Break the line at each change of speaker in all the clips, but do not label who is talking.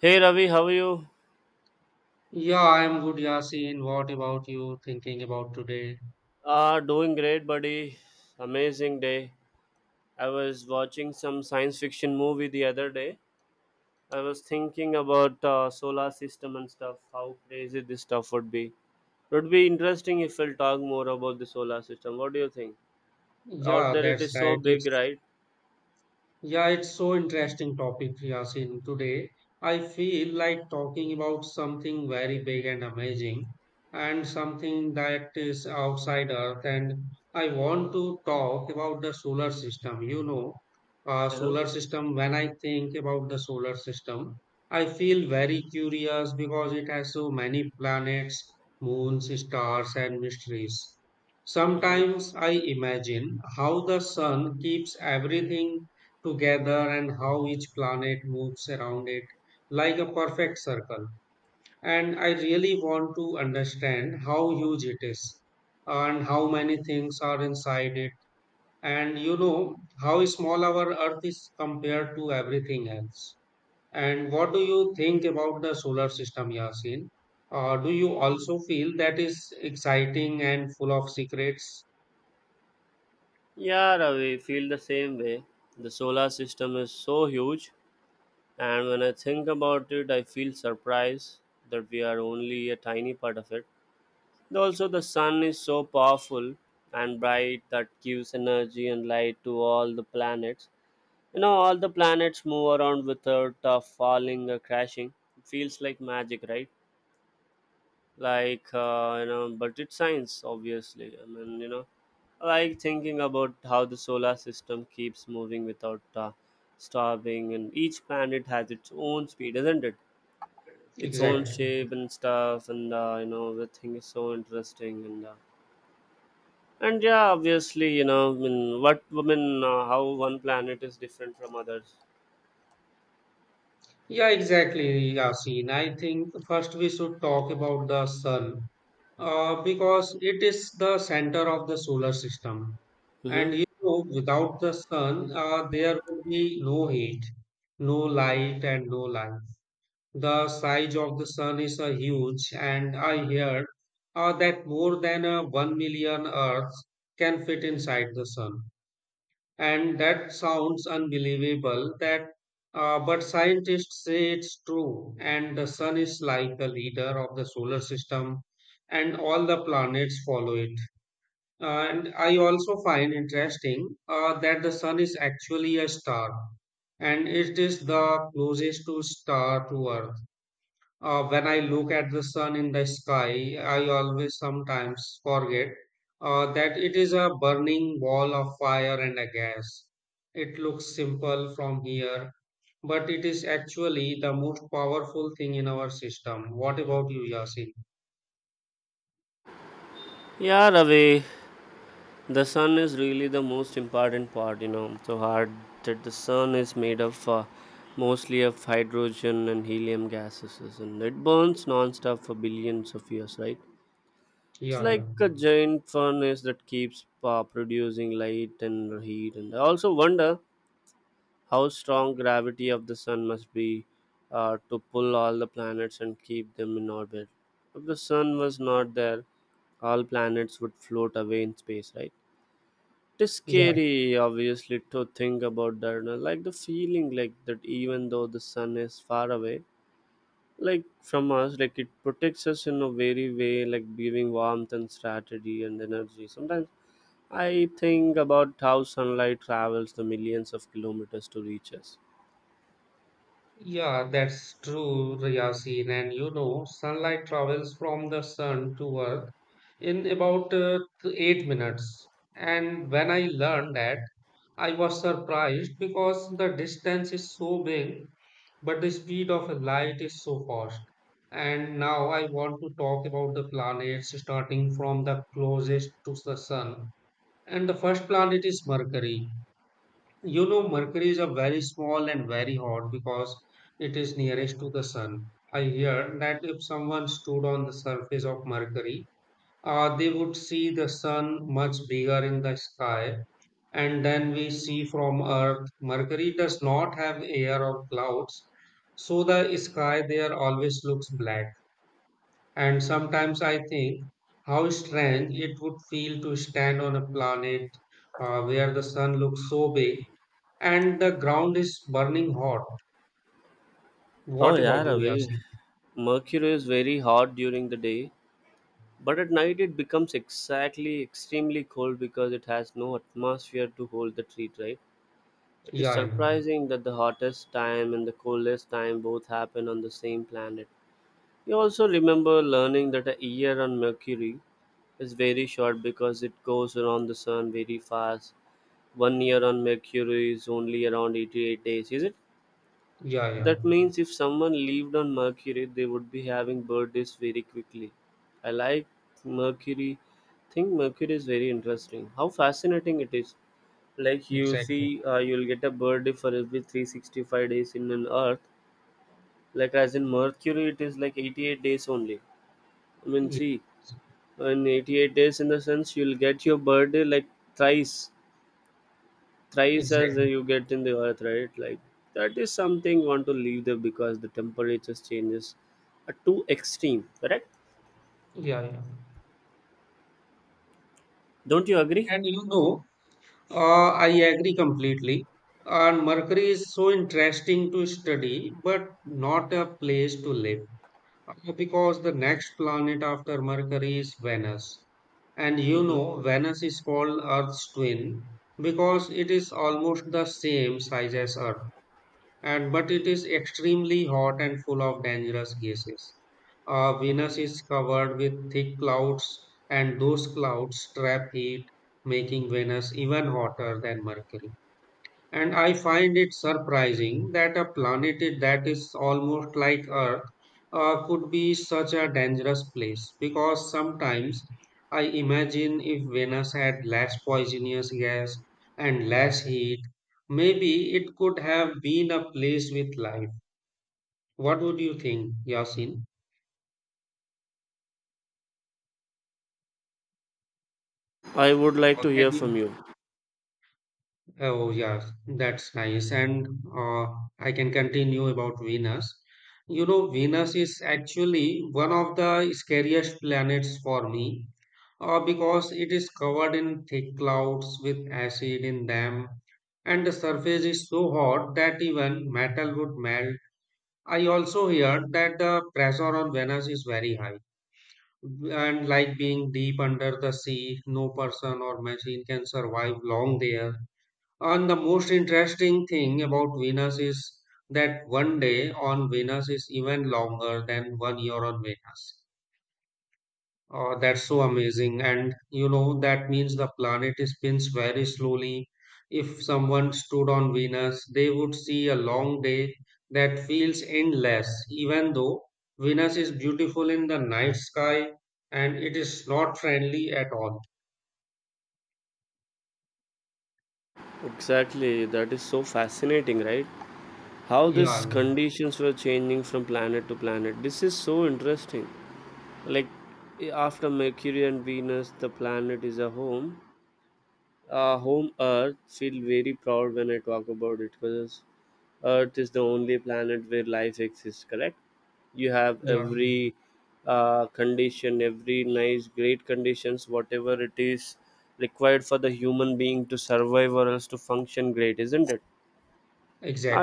Hey Ravi, how are you?
Yeah, I'm good, Yasin. What about you thinking about today?
Doing great, buddy. Amazing day. I was watching some science fiction movie the other day. I was thinking about solar system and stuff. How crazy this stuff would be. Would be interesting if we'll talk more about the solar system. What do you think? Out
Yeah,
there, it
that's
is so
right.
big,
It's
right?
Yeah, it's so interesting topic, Yasin. Today, I feel like talking about something very big and amazing, and something that is outside Earth. And I want to talk about the solar system. You know,
Uh-huh.
solar system. When I think about the solar system, I feel very curious because it has so many planets, moons, stars, and mysteries.
Uh-huh.
Sometimes I imagine how the sun keeps everything together and how each planet moves around it like a perfect circle. And I really want to understand how huge it is and how many things are inside it. And you know how small our Earth is compared to everything else. And what do you think about the solar system, Yasin? Do you also feel that is exciting and full of secrets?
Yeah, Ravi, feel the same way. The solar system is so huge, and when I think about it, I feel surprised that we are only a tiny part of it. Also, the sun is so powerful and bright that gives energy and light to all the planets. You know, all the planets move around without falling or crashing. It feels like magic, right? Like, but it's science, obviously. I like thinking about how the solar system keeps moving without stopping, and each planet has its own speed, isn't it? Its own
Exactly.
shape and stuff, and the thing is so interesting and yeah, obviously, how one planet is different from others.
Yeah, exactly, Yasin. I think first we should talk about the sun because it is the center of the solar system.
Hmm.
And you know, without the sun, there would be no heat, no light, and no life. The size of the sun is a huge, and I heard that more than 1 million Earths can fit inside the sun. And that sounds unbelievable that but scientists say it's true, and the sun is like the leader of the solar system and all the planets follow it. And I also find interesting that the sun is actually a star, and it is the closest to star to earth. When I look at the sun in the sky, I always sometimes forget that it is a burning ball of fire and a gas. It looks simple from here, but it is actually the most powerful thing in our system. What about you, Yasin?
Yeah, Ravi, the sun is really the most important part. You know, so hard that the sun is made of mostly of hydrogen and helium gases, and it burns non-stop for billions of years, right? It's
Yeah, yeah.
like a giant furnace that keeps producing light and heat. And I also wonder how strong gravity of the sun must be to pull all the planets and keep them in orbit. If the sun was not there, all planets would float away in space, right? It is
Yeah,
scary, obviously, to think about that. No? Like the feeling, like that, even though the sun is far away, like from us, like it protects us in a very way, like giving warmth and strategy and energy. Sometimes I think about how sunlight travels the millions of kilometers to reach us.
yeah, that's true, Yasin. And you know, sunlight travels from the sun to Earth in about 8 minutes. And when I learned that, I was surprised because the distance is so big, but the speed of a light is so fast. And now I want to talk about the planets starting from the closest to the sun. And the first planet is Mercury. You know, Mercury is a very small and very hot because it is nearest to the sun. I hear that if someone stood on the surface of Mercury, they would see the sun much bigger in the sky and then we see from Earth. Mercury does not have air or clouds, so the sky there always looks black. And sometimes I think how strange it would feel to stand on a planet where the sun looks so big and the ground is burning hot.
Oh,
What
yeah,
about you,
Ravi.
Yasin?
Mercury is very hot during the day, but at night it becomes exactly extremely cold because it has no atmosphere to hold the heat, right? It is
Yeah, yeah,
surprising that the hottest time and the coldest time both happen on the same planet. You also remember learning that a year on Mercury is very short because it goes around the sun very fast. One year on Mercury is only around 88 days, is it?
yeah, yeah,
That means if someone lived on Mercury, they would be having birthdays very quickly. I like Mercury. Think Mercury is very interesting. How fascinating it is! Like you
exactly.
see, you'll get a birthday for every 365 days in an Earth. Like as in Mercury, it is like 88 days only. I mean,
Yes,
see, in 88 days in the sense, you'll get your birthday like thrice. Thrice as
exactly.
you get in the earth, right? Like that is something you want to leave there because the temperature changes are too extreme, correct?
Yeah, yeah.
Don't you agree?
And you know, I agree completely. And Mercury is so interesting to study, but not a place to live. Because the next planet after Mercury is Venus. And you
Hmm.
know, Venus is called Earth's twin because it is almost the same size as Earth, and but it is extremely hot and full of dangerous gases. Venus is covered with thick clouds, and those clouds trap heat, making Venus even hotter than Mercury. And I find it surprising that a planet that is almost like Earth could be such a dangerous place, because sometimes I imagine if Venus had less poisonous gas and less heat, maybe it could have been a place with life. What would you think, Yasin?
I would like
Or
to
can
hear from
you
you.
Oh, yeah, that's nice. And uh, I can continue about Venus. You know, Venus is actually one of the scariest planets for me because it is covered in thick clouds with acid in them, and the surface is so hot that even metal would melt. I also heard that the pressure on Venus is very high, and like being deep under the sea, no person or machine can survive long there. And the most interesting thing about Venus is that one day on Venus is even longer than one year on Venus. Oh, that's so amazing. And you know, that means the planet spins very slowly. If someone stood on Venus, they would see a long day that feels endless. Even though Venus is beautiful in the night sky, and it is not friendly at all.
Exactly, that is so fascinating, right? How these
Yeah,
conditions were changing from planet to planet, this is so interesting. Like after Mercury and Venus, the planet is a home. Home Earth, feel very proud when I talk about it because Earth is the only planet where life exists, correct? You have
yeah,
every condition, every nice great conditions, whatever it is required for the human being to survive or else to function great, isn't it?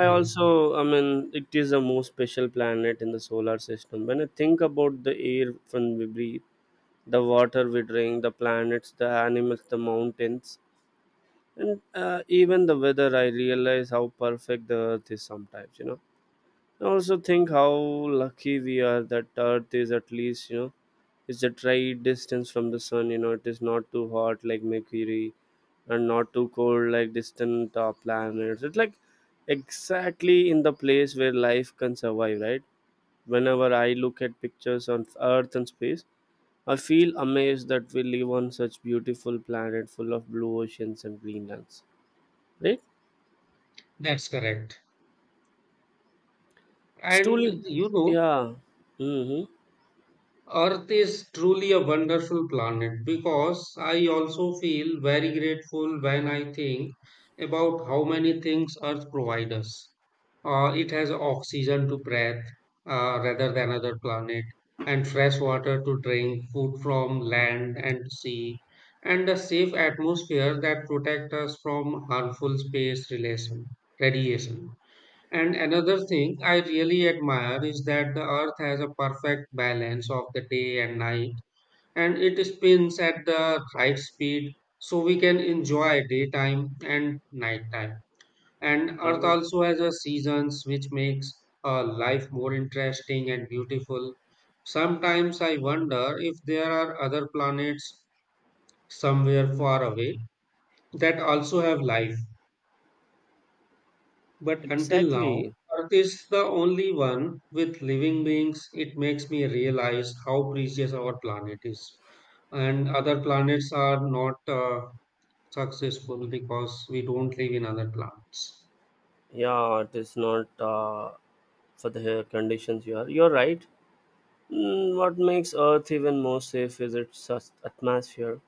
I also, I mean, it is a most special planet in the solar system. When I think about the air from we breathe, the water we drink, the planets, the animals, the mountains, and even the weather, I realize how perfect the earth is sometimes, you know. I also think how lucky we are that earth is, at least, you know, it's at right distance from the sun. You know, it is not too hot like Mercury and not too cold like distant planets. It's like exactly in the place where life can survive, right? Whenever I look at pictures on earth and space, I feel amazed that we live on such beautiful planet full of blue oceans and green lands, right?
That's correct.
It's
And
truly,
you know,
yeah. Hmm.
Earth is truly a wonderful planet, because I also feel very grateful when I think about how many things Earth provides us. It has oxygen to breathe rather than other planet, and fresh water to drink, food from land and sea, and a safe atmosphere that protects us from harmful space relation, radiation. And another thing I really admire is that the earth has a perfect balance of the day and night, and it spins at the right speed so we can enjoy daytime and nighttime. And earth
Hmm.
also has a seasons which makes life more interesting and beautiful. Sometimes I wonder if there are other planets somewhere far away that also have life. But until now,
Exactly.
Earth is the only one with living beings. It makes me realize how precious our planet is. And other planets are not successful because we don't live in other planets.
Yeah, it is not for the conditions you are. You're right. Mm, what makes Earth even more safe is its atmosphere.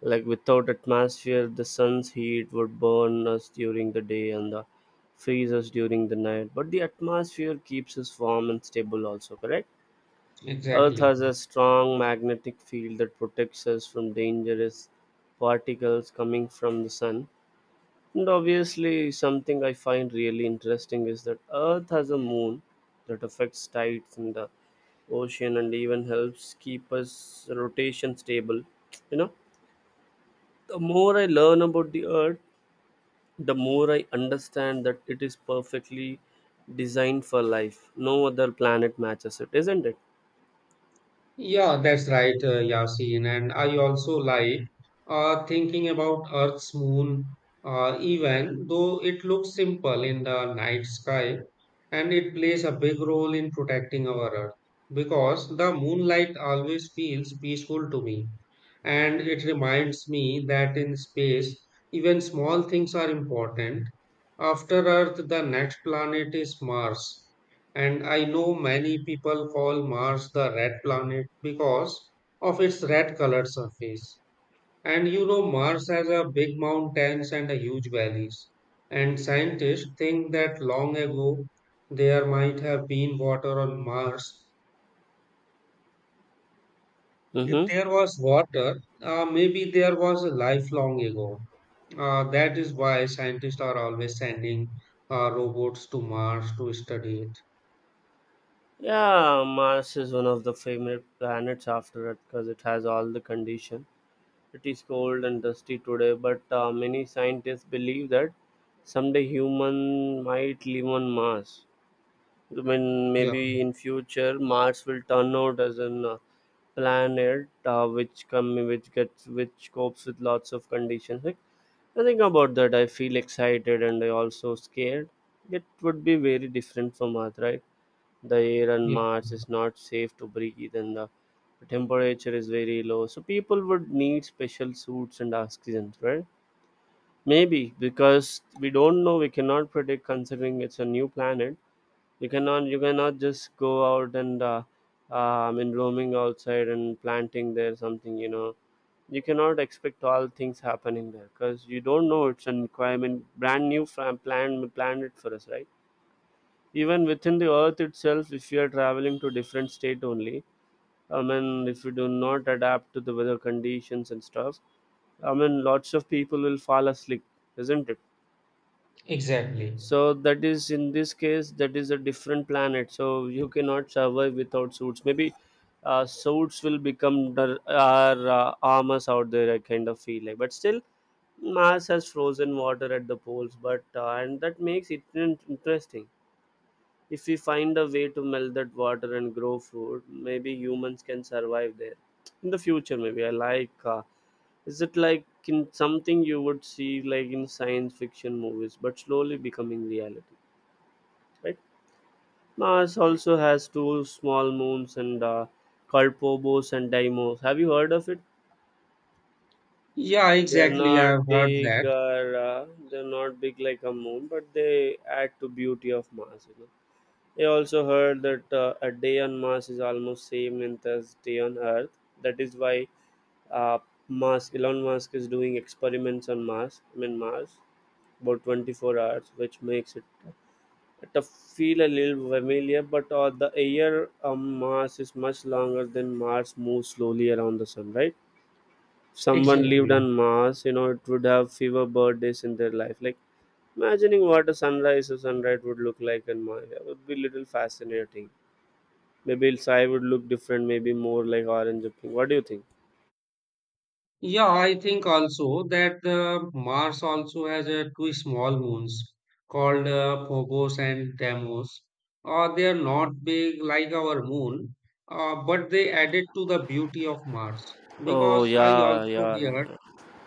Like without atmosphere, the sun's heat would burn us during the day and the freeze us during the night. But the atmosphere keeps us warm and stable. Also, correct. Earth
Exactly.
has a strong magnetic field that protects us from dangerous particles coming from the sun. And obviously, something I find really interesting is that Earth has a moon that affects tides in the ocean and even helps keep us rotation stable. You know, the more I learn about the Earth, the more I understand that it is perfectly designed for life. No other planet matches it, isn't it?
Yeah, that's right, Yasin. And I also like thinking about Earth's moon, even though it looks simple in the night sky, and it plays a big role in protecting our Earth, because the moonlight always feels peaceful to me. And it reminds me that in space, even small things are important. After Earth, the next planet is Mars, and I know many people call Mars the red planet because of its red colored surface. And you know, Mars has a big mountains and a huge valleys. And scientists think that long ago there might have been water on Mars. If
Mm-hmm.
there was water, maybe there was a life long ago. That is why scientists are always sending robots to Mars to study it.
Yeah, Mars is one of the favorite planets after Earth because it has all the condition. It is cold and dusty today, but many scientists believe that someday human might live on Mars. I mean,
Yeah,
maybe in future Mars will turn out as an planet which come which gets which copes with lots of conditions. Like, I think about that. I feel excited and I also scared. It would be very different from Earth, right? The air on
yeah,
Mars is not safe to breathe and the temperature is very low. So people would need special suits and oxygen, right? Maybe because we don't know, we cannot predict considering it's a new planet. You cannot just go out and I mean roaming outside and planting there something, you know. You cannot expect all things happening there because you don't know it's an I brand new planet for us, right? Even within the earth itself, if you are traveling to different state only, I mean if you do not adapt to the weather conditions and stuff, I mean lots of people will fall asleep, isn't it?
exactly.
So that is, in this case, that is a different planet, so you cannot survive without suits. Maybe suits will become our armors out there, I kind of feel like. But still Mars has frozen water at the poles, but and that makes it interesting. If we find a way to melt that water and grow food, maybe humans can survive there. In the future, maybe I like. Is it like in something you would see like in science fiction movies, but slowly becoming reality? Right? Mars also has two small moons and called Phobos and Deimos. Have you heard of it?
Yeah,
They're
exactly. I've
not
heard
big
that.
or they're not big like a moon, but they add to beauty of Mars, you know. I also heard that a day on Mars is almost same length as day on Earth. That is why uh, Elon Musk is doing experiments on Mars. I mean Mars about 24 hours, which makes it to feel a little familiar. But the year on Mars is much longer than Mars moves slowly around the sun. Right? If someone lived
Exactly.
on Mars, you know, it would have fewer birthdays in their life. Like imagining what a sunrise or sunrise would look like on Mars, that would be little fascinating. Maybe its eye would look different, maybe more like orange or pink. What do you think?
Yeah, I think also that the Mars also has two small moons called Phobos and Deimos. They are not big like our moon, but they added to the beauty of Mars.
Oh
Because I
yeah,
also heard
yeah.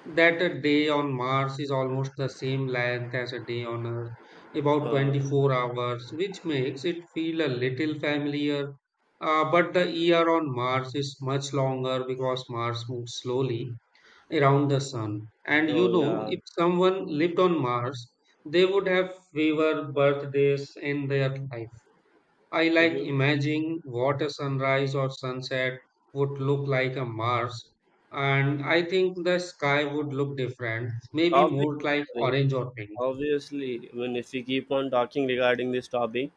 that a day on Mars is almost the same length as a day on Earth, about
Uh,
24 hours, which makes it feel a little familiar. But the year on Mars is much longer because Mars moves slowly around the Sun. And you
oh
know,
yeah.
if someone lived on Mars, they would have fewer birthdays in their life. I like
Hmm.
imagining what a sunrise or sunset would look like on Mars, and I think the sky would look different, maybe more like
Obviously,
orange or pink.
obviously. I mean, if we keep on talking regarding this topic,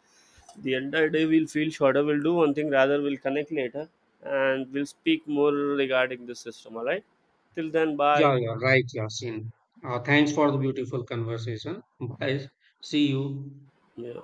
the entire day we'll feel shorter. We'll do one thing rather. We'll connect later, and we'll speak more regarding this system. All right. Till then,
Yeah,
bye.
yeah, right, Yasin. Thanks for the beautiful conversation. Bye. See you.
Yeah.